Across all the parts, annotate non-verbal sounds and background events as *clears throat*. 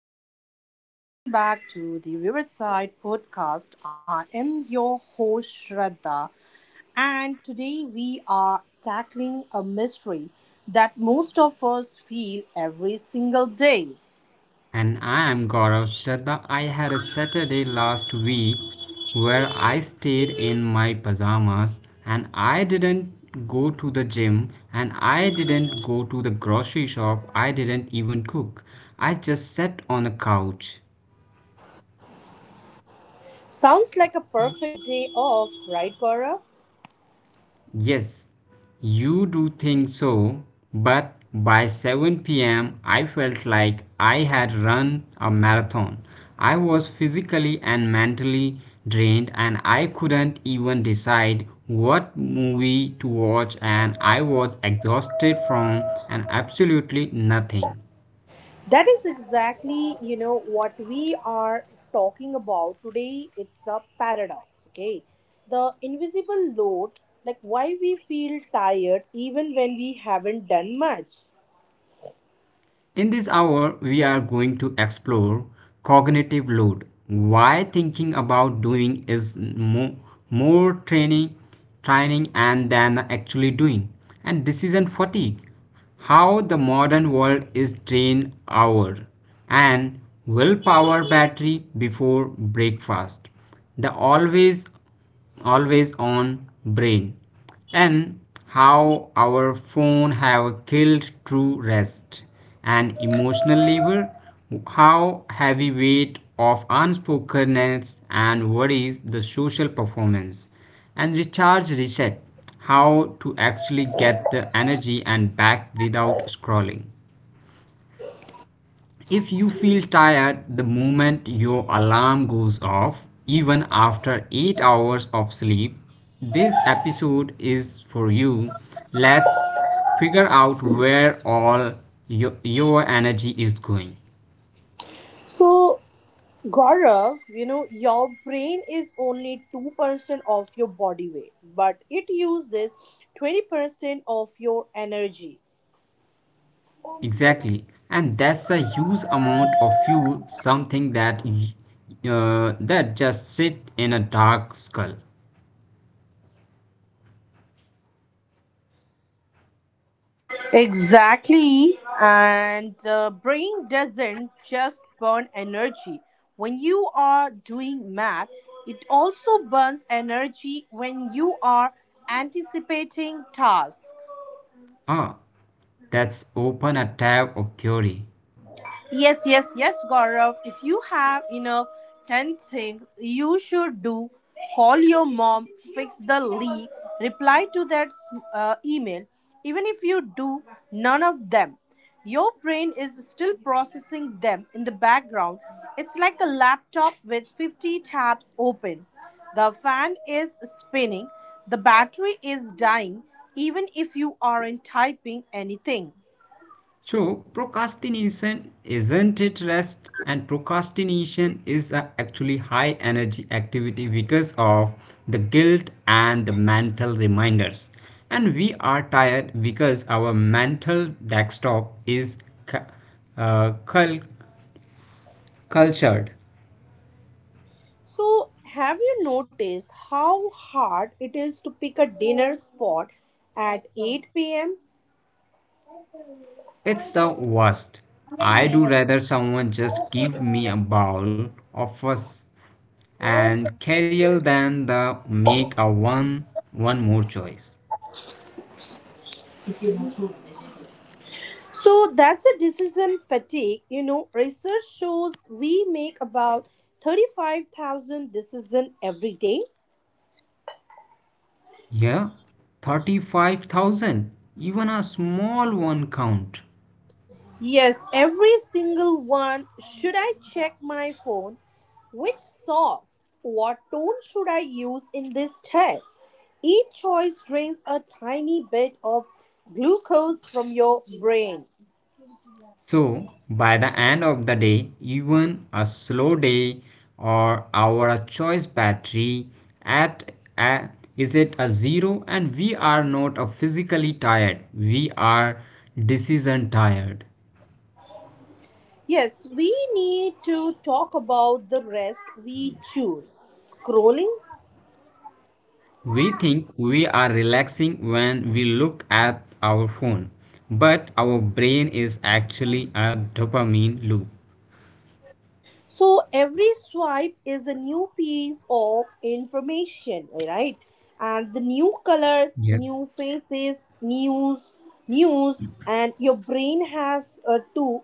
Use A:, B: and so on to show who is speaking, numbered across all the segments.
A: everyone, and welcome back to the Riverside Podcast. I am your host, Shraddha, and today we are tackling a mystery that most of us feel every single day.
B: And I am Gaurav Shraddha. I had a Saturday last week where I stayed in my pajamas and I didn't go to the gym and I didn't go to the grocery shop. I didn't even cook. I just sat on a couch.
A: Sounds like a perfect day off, right, Gaurav?
B: Yes, you do think so, but by 7 p.m. I felt like I had run a marathon. I was physically and mentally drained, and I couldn't even decide what movie to watch, and I was exhausted from an absolutely nothing.
A: That is exactly, you know, what we are talking about today. It's a paradox, okay? The invisible load, like why we feel tired even when we haven't done much.
B: In this hour, we are going to explore cognitive load, why thinking about doing is more training and than actually doing, and decision fatigue, how the modern world is train our and willpower battery before breakfast, the always on brain, and how our phone have killed true rest, and emotional labor, how heavy weight of unspokenness and worries, the social performance, and recharge reset, how to actually get the energy and back without scrolling. If you feel tired the moment your alarm goes off, even after 8 hours of sleep, this episode is for you. Let's figure out where all your energy is going.
A: So, Gaurav, you know, your brain is only 2% of your body weight, but it uses 20% of your energy.
B: Exactly. And that's a huge amount of fuel, something that just sit in a dark skull.
A: Exactly. And the brain doesn't just burn energy. When you are doing math, it also burns energy when you are anticipating tasks.
B: Ah, that's open a tab of theory.
A: Yes, yes, yes, Gaurav. If you have, you know, 10 things you should do: call your mom, fix the leak, reply to that email. Even if you do none of them, your brain is still processing them in the background. It's like a laptop with 50 tabs open. The fan is spinning, the battery is dying, even if you aren't typing anything.
B: So, procrastination isn't it rest, and procrastination is a actually high energy activity because of the guilt and the mental reminders. And we are tired because our mental desktop is cu- uh, cul- cultured.
A: So, have you noticed how hard it is to pick a dinner spot at 8 p.m.?
B: It's the worst. I do rather someone just give me a bowl of us and carrier than the make a one more choice.
A: So, that's a decision fatigue. You know, research shows we make about 35,000 decisions every day.
B: Yeah, 35,000. Even a small one count.
A: Yes, every single one. Should I check my phone? Which songs? What tone should I use in this tag? Each choice drains a tiny bit of glucose from your brain.
B: So, by the end of the day, even a slow day, or our choice battery at a, is it a zero, and we are not a physically tired. We are decision tired.
A: Yes, we need to talk about the rest we choose. Scrolling.
B: We think we are relaxing when we look at our phone, but our brain is actually a dopamine loop.
A: So every swipe is a new piece of information, right? And the new colors,
B: Yeah.
A: new faces, news, news, and your brain has to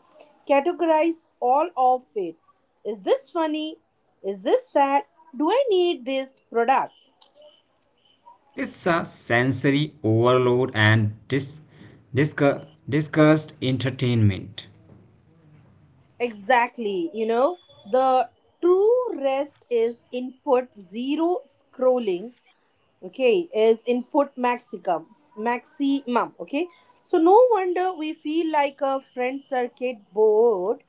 A: categorize all of it. Is this funny? Is this sad? Do I need this product?
B: It's a sensory overload and disgust entertainment.
A: Exactly, you know, the true rest is input zero, scrolling okay is input maximum, maximum okay. So no wonder we feel like a friend circuit board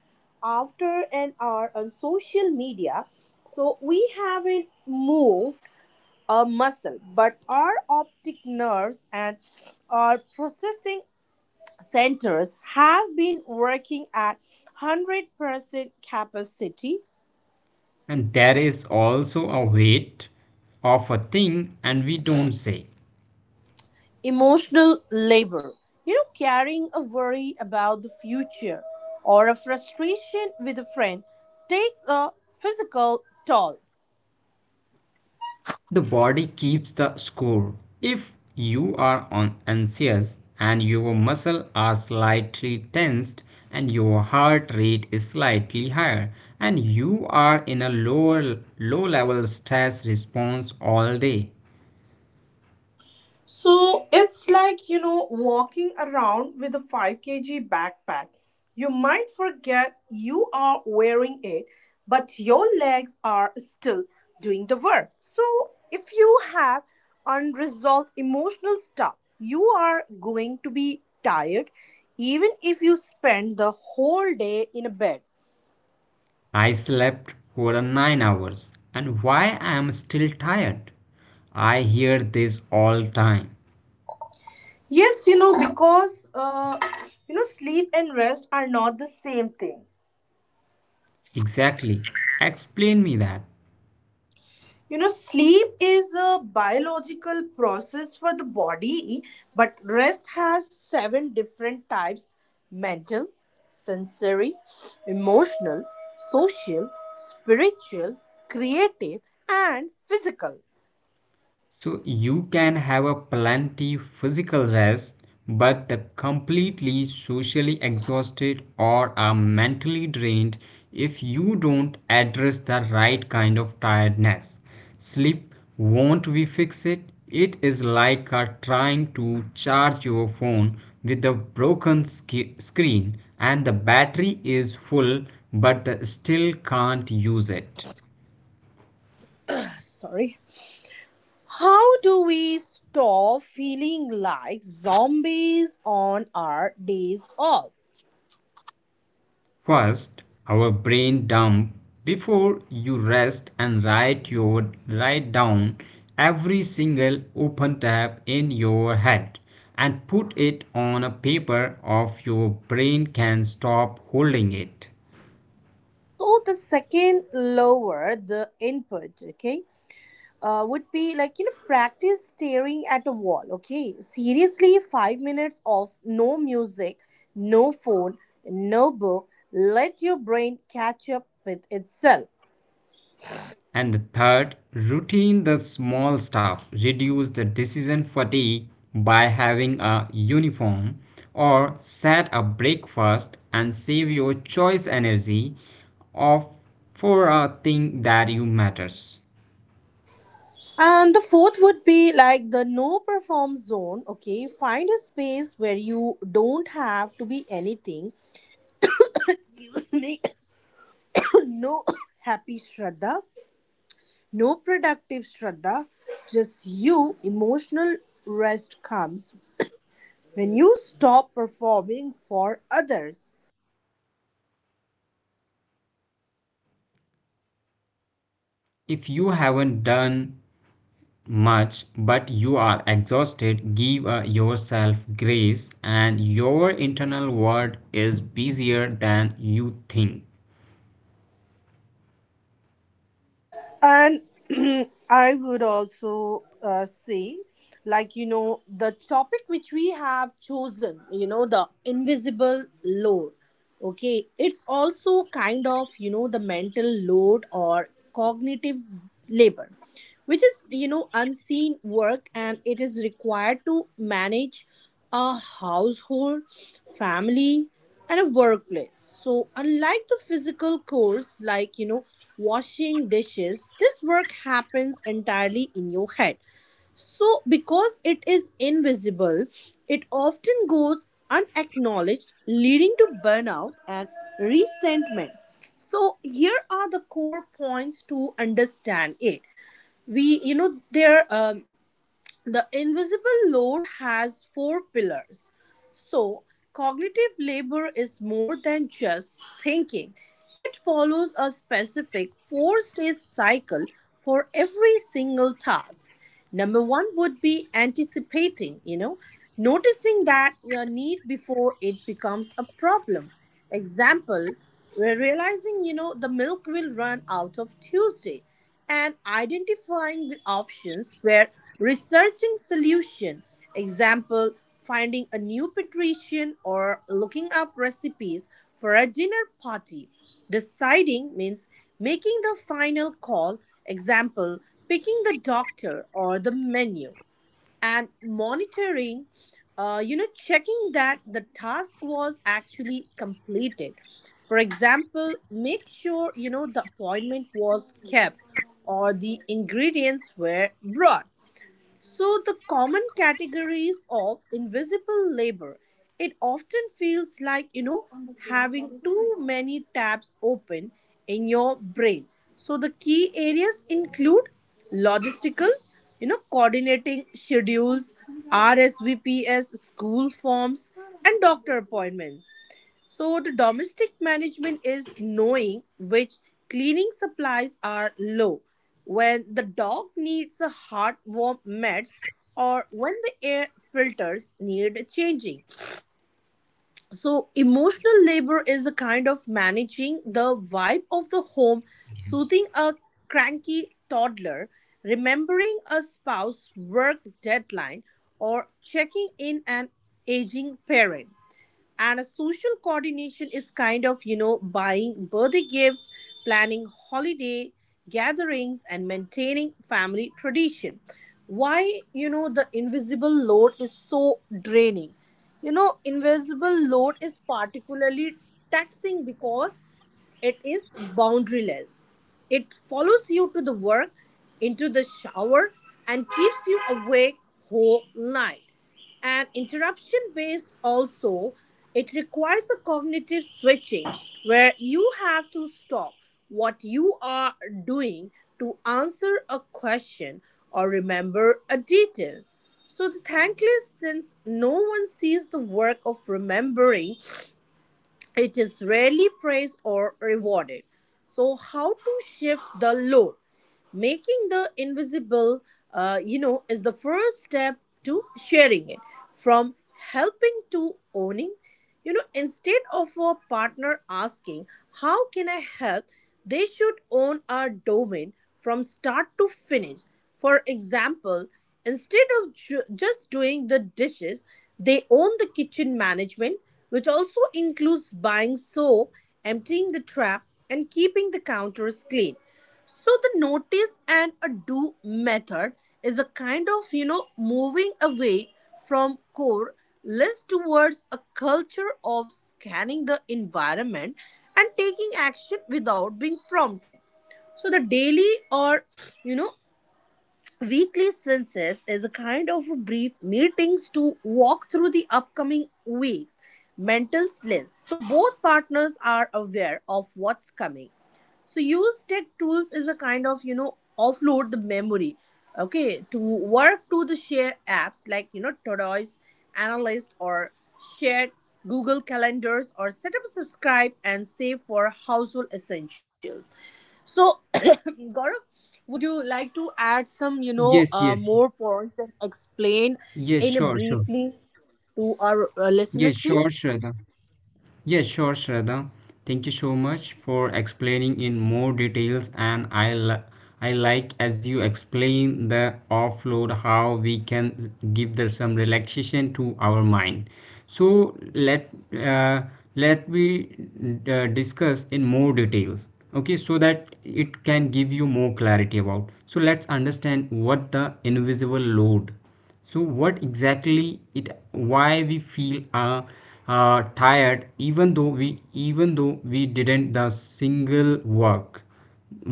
A: after an hour on social media. So we haven't moved a muscle, but our optic nerves and our processing centers have been working at 100% capacity.
B: And there is also a weight of a thing, and we don't say.
A: Emotional labor. You know, carrying a worry about the future or a frustration with a friend takes a physical toll.
B: The body keeps the score. If you are on anxious and your muscles are slightly tensed and your heart rate is slightly higher and you are in a low level stress response all day.
A: So it's like, you know, walking around with a 5 kg backpack. You might forget you are wearing it, but your legs are still doing the work. So if you have unresolved emotional stuff, you are going to be tired even if you spend the whole day in a bed.
B: I slept for 9 hours, and why I am still tired? I hear this all time.
A: Yes, you know, because, you know, sleep and rest are not the same thing.
B: Exactly. Explain me that.
A: You know, sleep is a biological process for the body, but rest has seven different types: mental, sensory, emotional, social, spiritual, creative, and physical.
B: So you can have a plenty physical rest, but the completely socially exhausted, or are mentally drained if you don't address the right kind of tiredness. Sleep won't we fix it? It is like trying to charge your phone with a broken screen and the battery is full but the still can't use it.
A: Sorry. How do we stop feeling like zombies on our days off?
B: First, our brain dump. Before you rest and write down every single open tab in your head and put it on a paper of your brain can stop holding it.
A: So, the second, lower the input, okay? Would be like, you know, practice staring at a wall, okay? Seriously, 5 minutes of no music, no phone, no book. Let your brain catch up with itself.
B: And the third, routine the small stuff. Reduce the decision fatigue by having a uniform or set a breakfast and save your choice energy of for a thing that you matters.
A: And the fourth would be like the no perform zone, okay? Find a space where you don't have to be anything. *coughs* Excuse me. *coughs* No *coughs* happy Shraddha, no productive Shraddha, just you. Emotional rest comes when you stop performing for others.
B: If you haven't done much but you are exhausted, give yourself grace, and your internal world is busier than you think.
A: And *clears throat* I would also say, like, you know, the topic which we have chosen, you know, the invisible load, okay, it's also kind of, you know, the mental load or cognitive labor, which is, you know, unseen work, and it is required to manage a household, family, and a workplace. So unlike the physical chores, like, you know, washing dishes, this work happens entirely in your head. So, because it is invisible, it often goes unacknowledged, leading to burnout and resentment. So, here are the core points to understand it. We you know there The invisible load has four pillars. So cognitive labor is more than just thinking. It follows a specific four stage cycle for every single task. Number one would be anticipating, you know, noticing that your need before it becomes a problem. Example, we're realizing, you know, the milk will run out of Tuesday. And identifying the options. We're researching solution. Example, finding a new patrician or looking up recipes for a dinner party. Deciding means making the final call. Example, picking the doctor or the menu. And monitoring, you know, checking that the task was actually completed. For example, make sure, you know, the appointment was kept or the ingredients were brought. So, the common categories of invisible labor, it often feels like, you know, having too many tabs open in your brain. So, the key areas include logistical, you know, coordinating schedules, RSVPs, school forms, and doctor appointments. So, the domestic management is knowing which cleaning supplies are low, when the dog needs a hot warm meds, or when the air filters need changing. So emotional labor is a kind of managing the vibe of the home, soothing a cranky toddler, remembering a spouse's work deadline, or checking in an aging parent. And a social coordination is kind of, you know, buying birthday gifts, planning holiday gatherings, and maintaining family tradition. Why, you know, the invisible load is so draining. You know, invisible load is particularly taxing because it is boundaryless. It follows you to the work, into the shower, and keeps you awake whole night. And interruption based also, it requires a cognitive switching, where you have to stop what you are doing to answer a question or remember a detail. So the thankless, since no one sees the work of remembering, it is rarely praised or rewarded. So, how to shift the load? Making the invisible, you know, is the first step to sharing it. From helping to owning, you know, instead of a partner asking, "How can I help?" they should own a domain from start to finish. For example, instead of just doing the dishes, they own the kitchen management, which also includes buying soap, emptying the trap, and keeping the counters clean. So the notice and a do method is a kind of, you know, moving away from core less towards a culture of scanning the environment and taking action without being prompted. So the daily or, you know, weekly census is a kind of a brief meetings to walk through the upcoming weeks mental list, so both partners are aware of what's coming. So use tech tools is a kind of, you know, offload the memory, okay, to work, to the share apps like, you know, Tortoise Analyst, or shared Google Calendars, or set up, subscribe, and save for household essentials. So, *coughs* Gaurav, would you like to add some, you know,
B: Yes, yes.
A: more points and explain
B: Yes,
A: in a
B: sure, sure.
A: briefly to our
B: Yes,
A: listeners,
B: sure,
A: please?
B: Shraddha. Yes, sure, Shraddha. Thank you so much for explaining in more details, and I like as you explain the offload how we can give some relaxation to our mind. So uh, let we discuss in more details. Okay, so that it can give you more clarity about. So let's understand what the invisible load, so what exactly it, why we feel tired, even though we didn't the single work,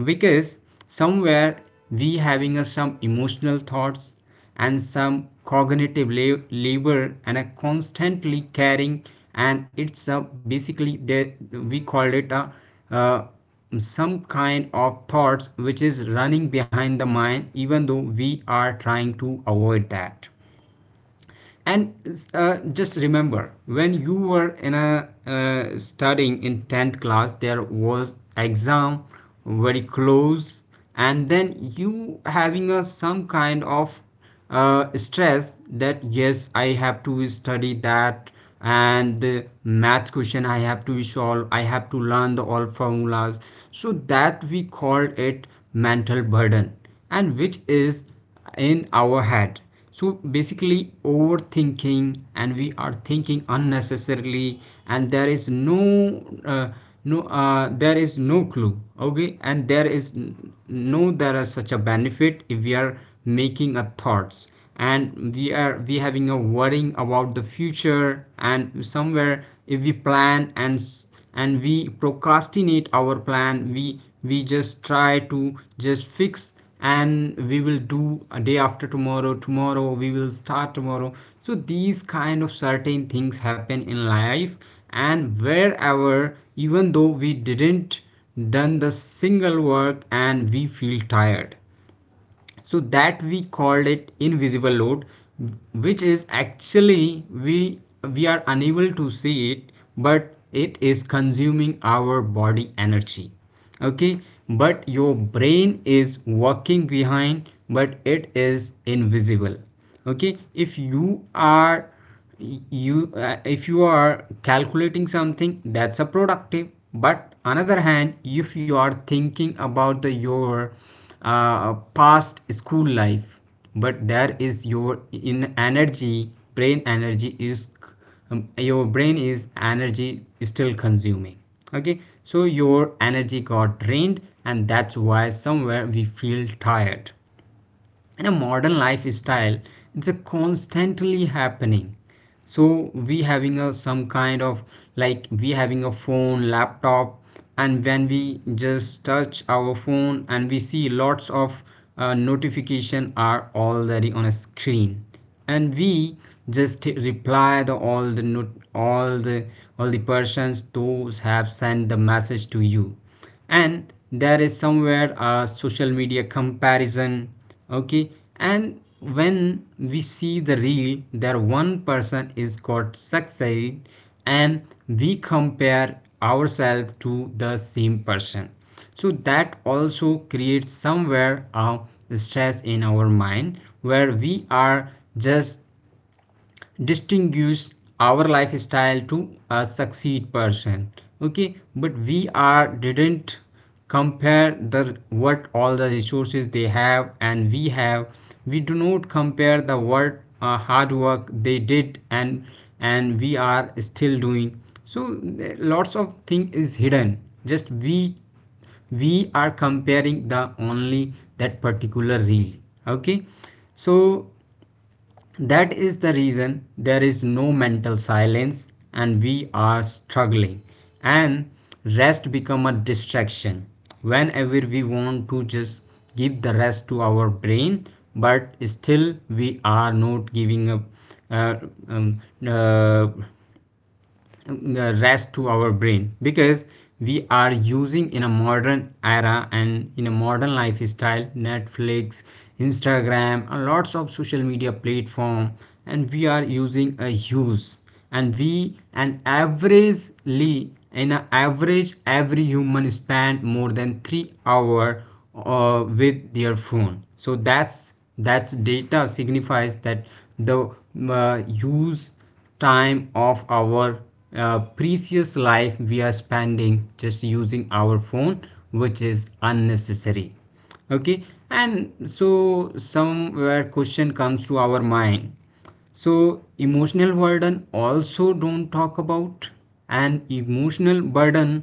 B: because somewhere we having some emotional thoughts and some cognitive labor and a constantly caring, and it's a basically that we called it a uh, some kind of thoughts which is running behind the mind even though we are trying to avoid that. And just remember when you were in a studying in 10th class, there was exam very close, and then you having a some kind of stress that yes I have to study that, and the math question I have to solve, I have to learn the all formulas. So that we called it mental burden, and which is in our head. So basically overthinking and we are thinking unnecessarily. And there is uh, no there is no clue. Okay. And there is no there is such a benefit if we are making a thoughts, and we are we having a worrying about the future, and somewhere if we plan and we procrastinate our plan, we just try to just fix, and we will do a day after tomorrow. Tomorrow we will start tomorrow. So these kind of certain things happen in life, and wherever even though we didn't done the single work, and we feel tired. So that we called it invisible load, which is actually we are unable to see it, but it is consuming our body energy. Okay. But your brain is working behind, but it is invisible. Okay. If you are Y- you if you are calculating something, that's a productive. But another hand, if you are thinking about the your past school life, but there is your in energy, brain energy is, um, your brain is energy still consuming. Okay. So your energy got drained, and that's why somewhere we feel tired in a modern lifestyle. It's a constantly happening. So we having a some kind of, like we having a phone, laptop, and when we just touch our phone and we see lots of notification are already on a screen, and we just reply the all the not, all the all the persons those have sent the message to you. And there is somewhere a social media comparison. Okay. And when we see the reel there one person is got succeed, and we compare ourselves to the same person. So that also creates somewhere a stress in our mind where we are just distinguish our lifestyle to a succeed person. Okay. But we are didn't compare the what all the resources they have and we have. We do not compare the what hard work they did and we are still doing. So lots of thing is hidden. Just we are comparing the only that particular reel. Okay. So that is the reason there is no mental silence, and we are struggling, and rest become a distraction. Whenever we want to just give the rest to our brain, but still we are not giving up uh, um, uh, rest to our brain, because we are using in a modern era and in a modern lifestyle Netflix, Instagram, and lots of social media platform. And we are using a use, and we, and averagely in an average every human spend more than 3 hour with their phone. So that's data signifies that the use time of our precious life we are spending just using our phone, which is unnecessary. Okay. And so somewhere question comes to our mind. So emotional burden also don't talk about, and emotional burden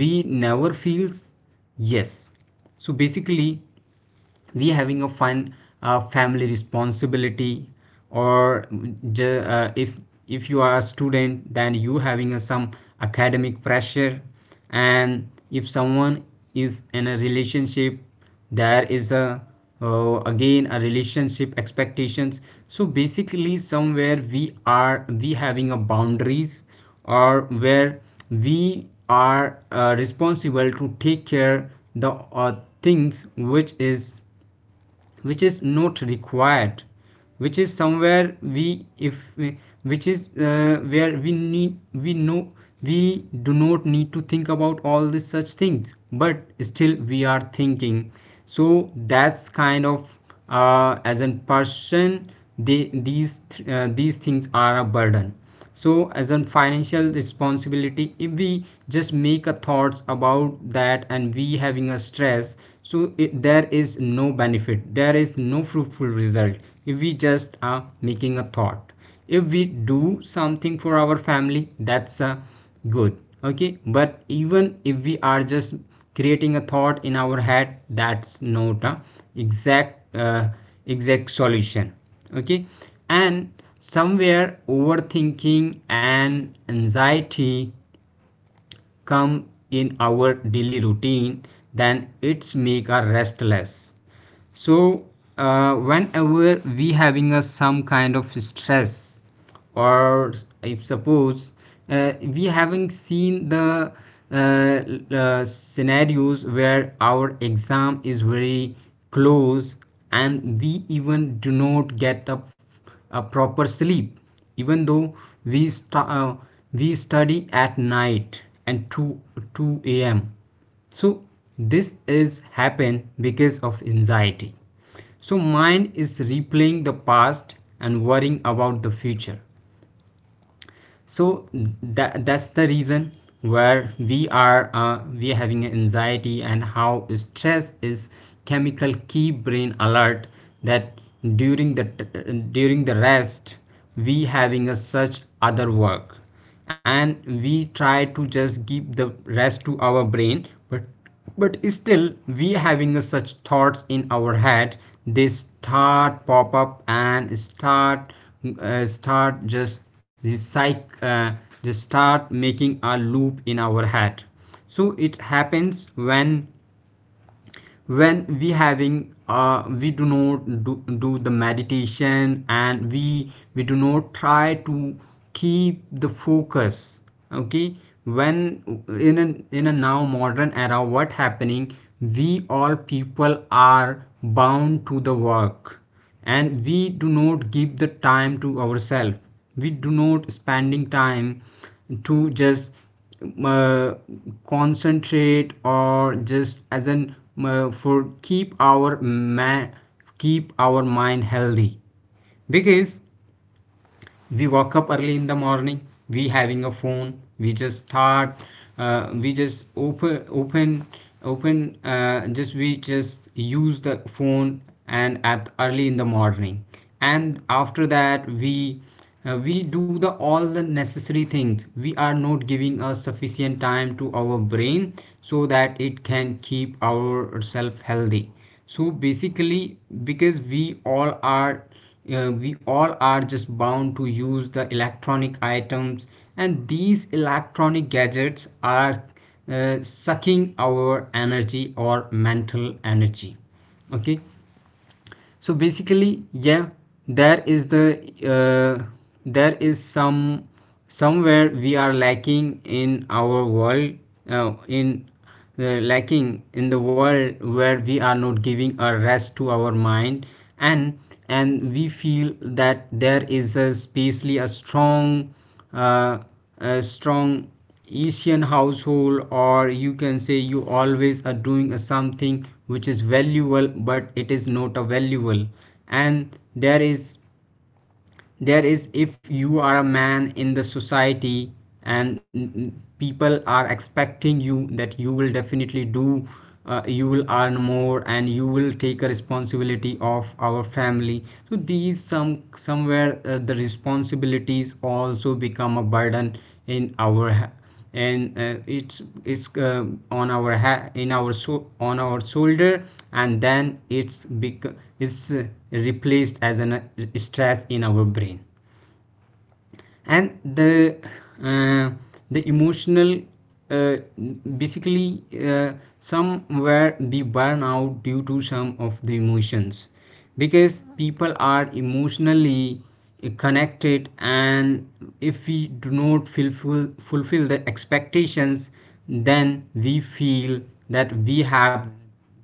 B: we never feels, yes. So basically we having a fun family responsibility, or if you are a student, then you having a some academic pressure. And if someone is in a relationship, there is a again a relationship expectations. So basically somewhere we are we having a boundaries, or where we are responsible to take care the things which is, which is not required, which is somewhere we if we, which is where we need, we know we do not need to think about all these such things, but still we are thinking. So that's kind of as a person, they these these things are a burden. So as a financial responsibility, if we just make a thoughts about that, and we having a stress. So it, there is no benefit, there is no fruitful result, if we just are making a thought. If we do something for our family, that's a good. Okay. But even if we are just creating a thought in our head, that's not a exact exact solution. Okay. And somewhere overthinking and anxiety come in our daily routine, then it's make us restless. So whenever we having a some kind of stress or if suppose, we having seen the uh, scenarios where our exam is very close, and we even do not get up a proper sleep, even though we we study at night and 2 a.m, so this is happen because of anxiety. So mind is replaying the past and worrying about the Future. So That's the reason where we are having anxiety. And how stress is chemical key brain alert that during the during the rest we having a such other work, and we try to just give the rest to our brain, but still we having a such thoughts in our head. They start pop up and start start just recycle, just start making a loop in our head. So it happens when we having we do not do the meditation, and we do not try to keep the focus. Okay. When in a now modern era, what happening? We all people are bound to the work, and we do not give the time to ourselves. We do not spending time to just uh, concentrate, or just as an for keep our man keep our mind healthy. Because we woke up early in the morning, we having a phone, we just start, we just open just we just use the phone, and at early in the morning. And after that we, we do the all the necessary things. We are not giving a sufficient time to our brain so that it can keep ourself healthy. So basically, because we all are, we all are just bound to use the electronic items, and these electronic gadgets are, sucking our energy or mental energy. Okay. So basically, yeah, there is the, uh, there is some somewhere we are lacking in our world, in uh, lacking in the world where we are not giving a rest to our mind. And we feel that there is a spatially a strong, uh, a strong asian household, or you can say you always are doing a something which is valuable, but it is not a valuable. And there is, if you are a man in the society, and people are expecting you that you will definitely do, you will earn more and you will take a responsibility of our family. So these somewhere the responsibilities also become a burden in our ha- and it's on our in our on our shoulder. And then it's bec- it's replaced as an, stress in our brain. And the, uh, the emotional, uh, basically some were the burnout due to some of the emotions, because people are emotionally, connected. And if we do not fulfill the expectations, then we feel that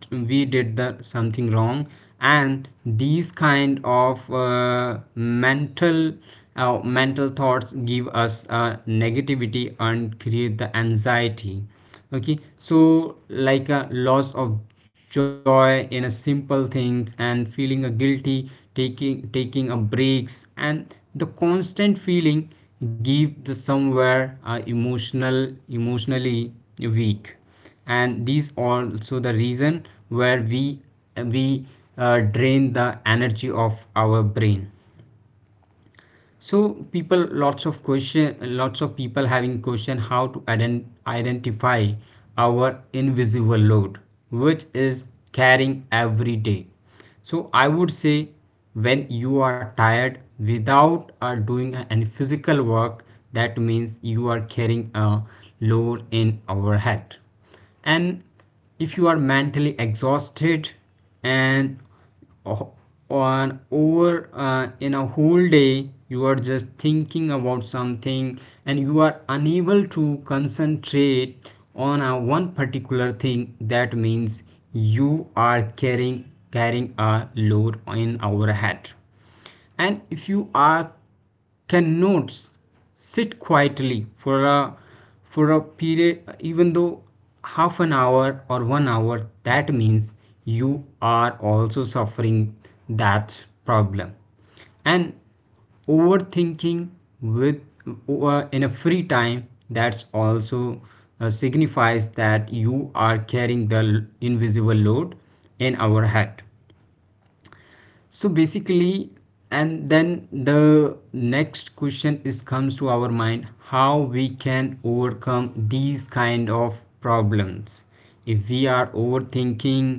B: we did the something wrong. And these kind of mental thoughts give us, negativity and create the anxiety. Okay, so like a loss of joy in a simple things, and feeling a guilty taking a breaks, and the constant feeling give the somewhere, emotionally weak. And these are also the reason where we drain the energy of our brain. So people lots of question, lots of people having question, how to identify our invisible load, which is carrying every day. So I would say, when you are tired without, doing any physical work, that means you are carrying a load in our head. And if you are mentally exhausted, and on over in a whole day you are just thinking about something, and you are unable to concentrate on a one particular thing, that means you are carrying a load in our head. And if you are cannot sit quietly for a period, even though half an hour or 1 hour, that means you are also suffering that problem. And overthinking with, in a free time, that's also, signifies that you are carrying the invisible load in our head. So basically, and then the next question is comes to our mind, how we can overcome these kind of problems? If we are overthinking,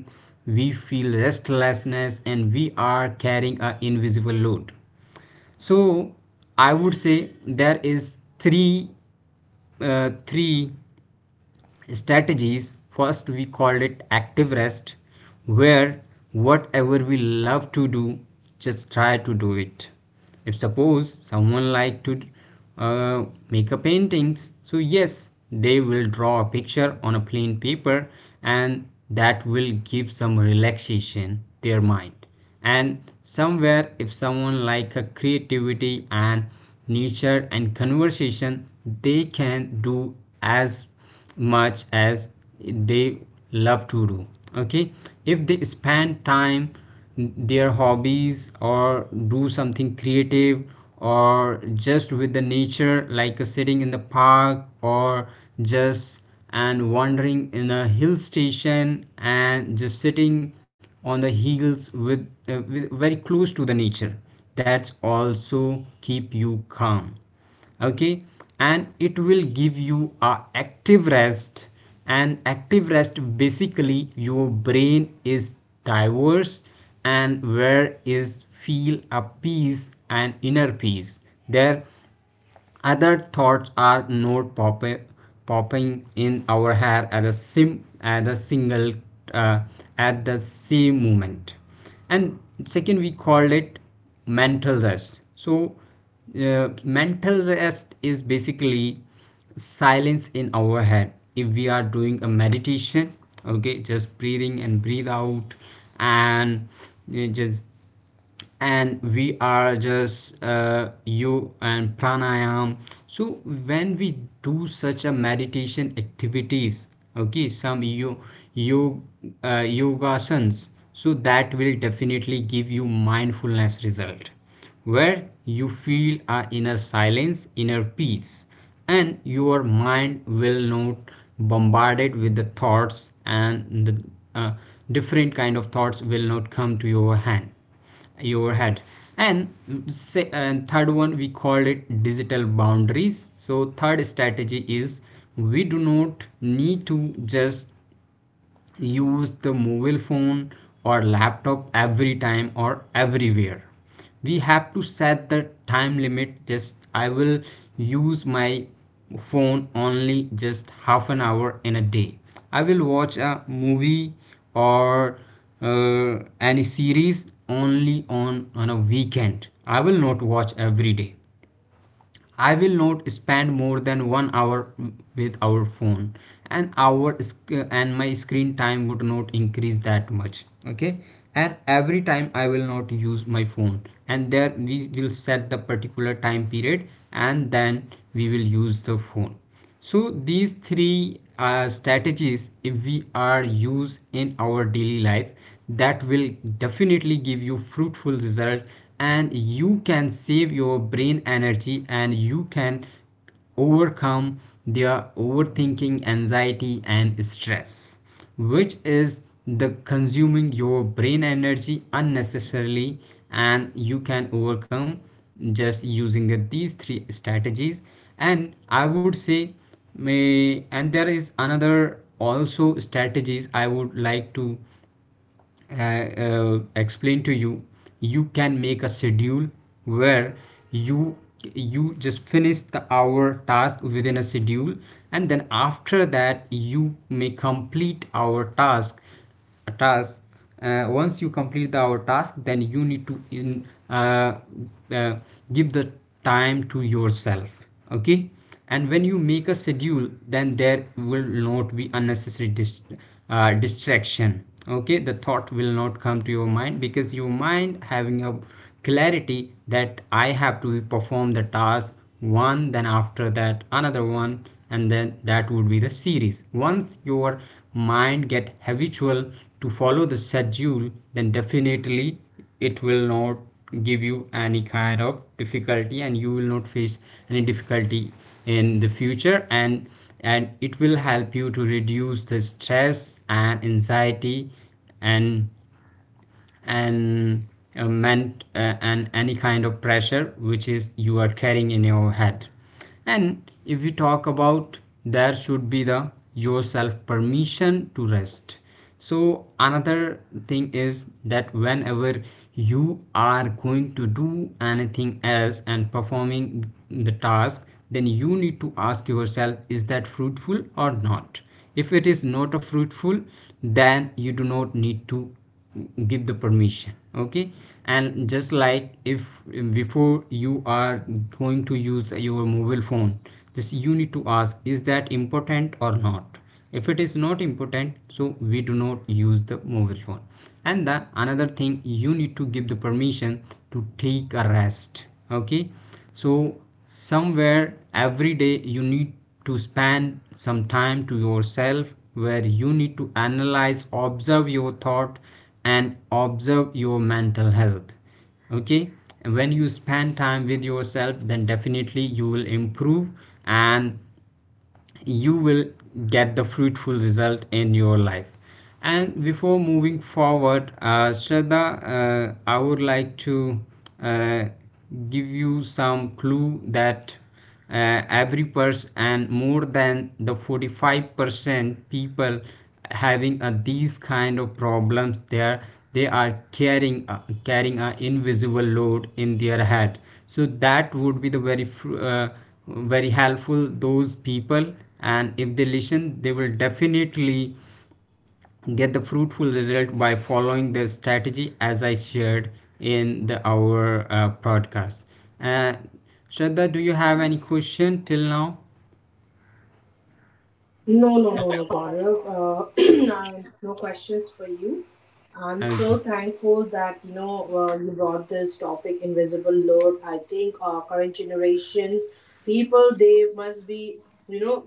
B: we feel restlessness, and we are carrying a invisible load. So I would say there is three strategies. First, we called it active rest, where whatever we love to do, just try to do it. If suppose someone like to, uh, make a paintings, so yes, they will draw a picture on a plain paper, and that will give some relaxation their mind. And somewhere if someone like a creativity and nature and conversation, they can do as much as they love to do. Okay, if they spend time their hobbies, or do something creative, or just with the nature, like, sitting in the park, or just and wandering in a hill station, and just sitting on the hills with very close to the nature, that's also keep you calm. Okay. And it will give you a active rest. And active rest, basically your brain is diverse, and where is feel a peace and inner peace. There, other thoughts are not popping in our head at the single, uh, at the same moment. And second, we called it mental rest. So mental rest is basically silence in our head, if we are doing a meditation. Okay, just breathing and breathe out, and just and we are just, you and pranayam. So when we do such a meditation activities, okay, some you you yogasans, so that will definitely give you mindfulness result, where you feel a inner silence, inner peace, and your mind will not bombarded with the thoughts. And the, uh, different kind of thoughts will not come to your hand your head. And say and third one, we called it digital boundaries. So third strategy is, we do not need to just use the mobile phone or laptop every time or everywhere. We have to set the time limit. Just I will use my phone only just half an hour in a day. I will watch a movie, or, any series only on a weekend. I will not watch every day. I will not spend more than 1 hour with our phone, and our and my screen time would not increase that much. Okay. And every time I will not use my phone, and there we will set the particular time period, and then we will use the phone. So these three strategies, if we are used in our daily life, that will definitely give you fruitful result, and you can save your brain energy, and you can overcome their overthinking, anxiety and stress, which is the consuming your brain energy unnecessarily. And you can overcome just using these three strategies. And I would say, may and there is another also strategies I would like to, explain to you. You can make a schedule where you you just finish the our task within a schedule, and then after that, you may complete our task a task. Once you complete the our task, then you need to in uh, give the time to yourself. Okay. And when you make a schedule, then there will not be unnecessary distraction. Okay, the thought will not come to your mind, because your mind having a clarity that I have to perform the task one, then after that another one, and then that would be the series. Once your mind get habitual to follow the schedule, then definitely it will not give you any kind of difficulty, and you will not face any difficulty in the future. And it will help you to reduce the stress and anxiety. and and meant and any kind of pressure which is you are carrying in your head. And if we talk about, there should be the yourself permission to rest. So another thing is that whenever you are going to do anything else and performing the task, then you need to ask yourself, is that fruitful or not? If it is not a fruitful, then you do not need to give the permission. Okay. And just like, if before you are going to use your mobile phone, just you need to ask, is that important or not? If it is not important, so we do not use the mobile phone. And the another thing, you need to give the permission to take a rest. Okay. So somewhere, every day you need to spend some time to yourself, where you need to analyze, observe your thought, and observe your mental health. Okay. And when you spend time with yourself, then definitely you will improve, and you will get the fruitful result in your life. And before moving forward, Shraddha, I would like to, uh, give you some clue that, every person, and more than the 45% people having, these kind of problems. There, they are carrying, carrying an invisible load in their head. So that would be the very helpful those people, and if they listen, they will definitely get the fruitful result by following the strategy as I shared in the our, podcast. uh, Shraddha, do you have any question till now?
A: No, no, no, no, Gaurav. *clears throat* No questions for you. I'm so
B: Okay.
A: thankful that, you know, you brought this topic, invisible load. I think current generations, people, they must be, you know,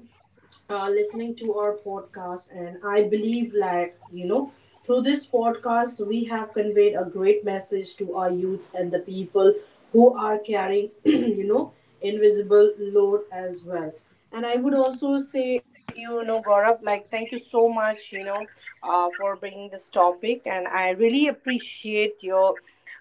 A: listening to our podcast, and I believe, like, you know, through this podcast we have conveyed a great message to our youths and the people who are carrying *clears throat* you know invisible load as well. And I would also say, you know, Gaurav, like, thank you so much, you know, for bringing this topic. And I really appreciate your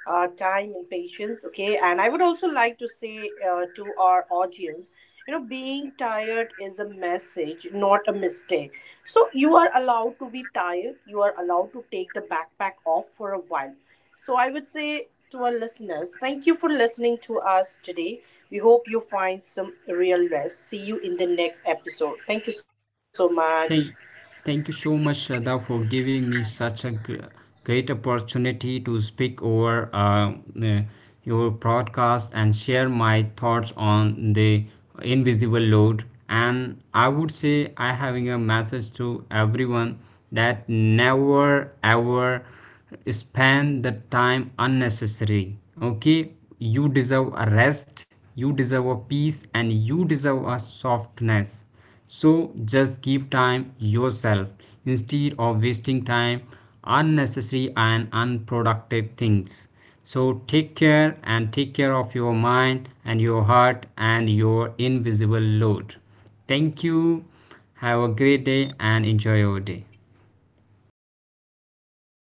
A: time and patience. Okay. And I would also like to say to our audience, you know, being tired is a message, not a mistake. So you are allowed to be tired. You are allowed to take the backpack off for a while. So I would say to our listeners, thank you for listening to us today. We hope you find some real rest. See you in the next episode. Thank you so much.
B: Thank, thank you so much, Shraddha, for giving me such a great opportunity to speak over, uh, your broadcast and share my thoughts on the invisible load. And I would say, I having a message to everyone that never ever spend the time unnecessary. Okay, you deserve a rest, you deserve a peace, and you deserve a softness. So just give time yourself instead of wasting time unnecessary and unproductive things. So take care, and take care of your mind and your heart and your invisible load. Thank you. Have a great day and enjoy your day.
A: Thank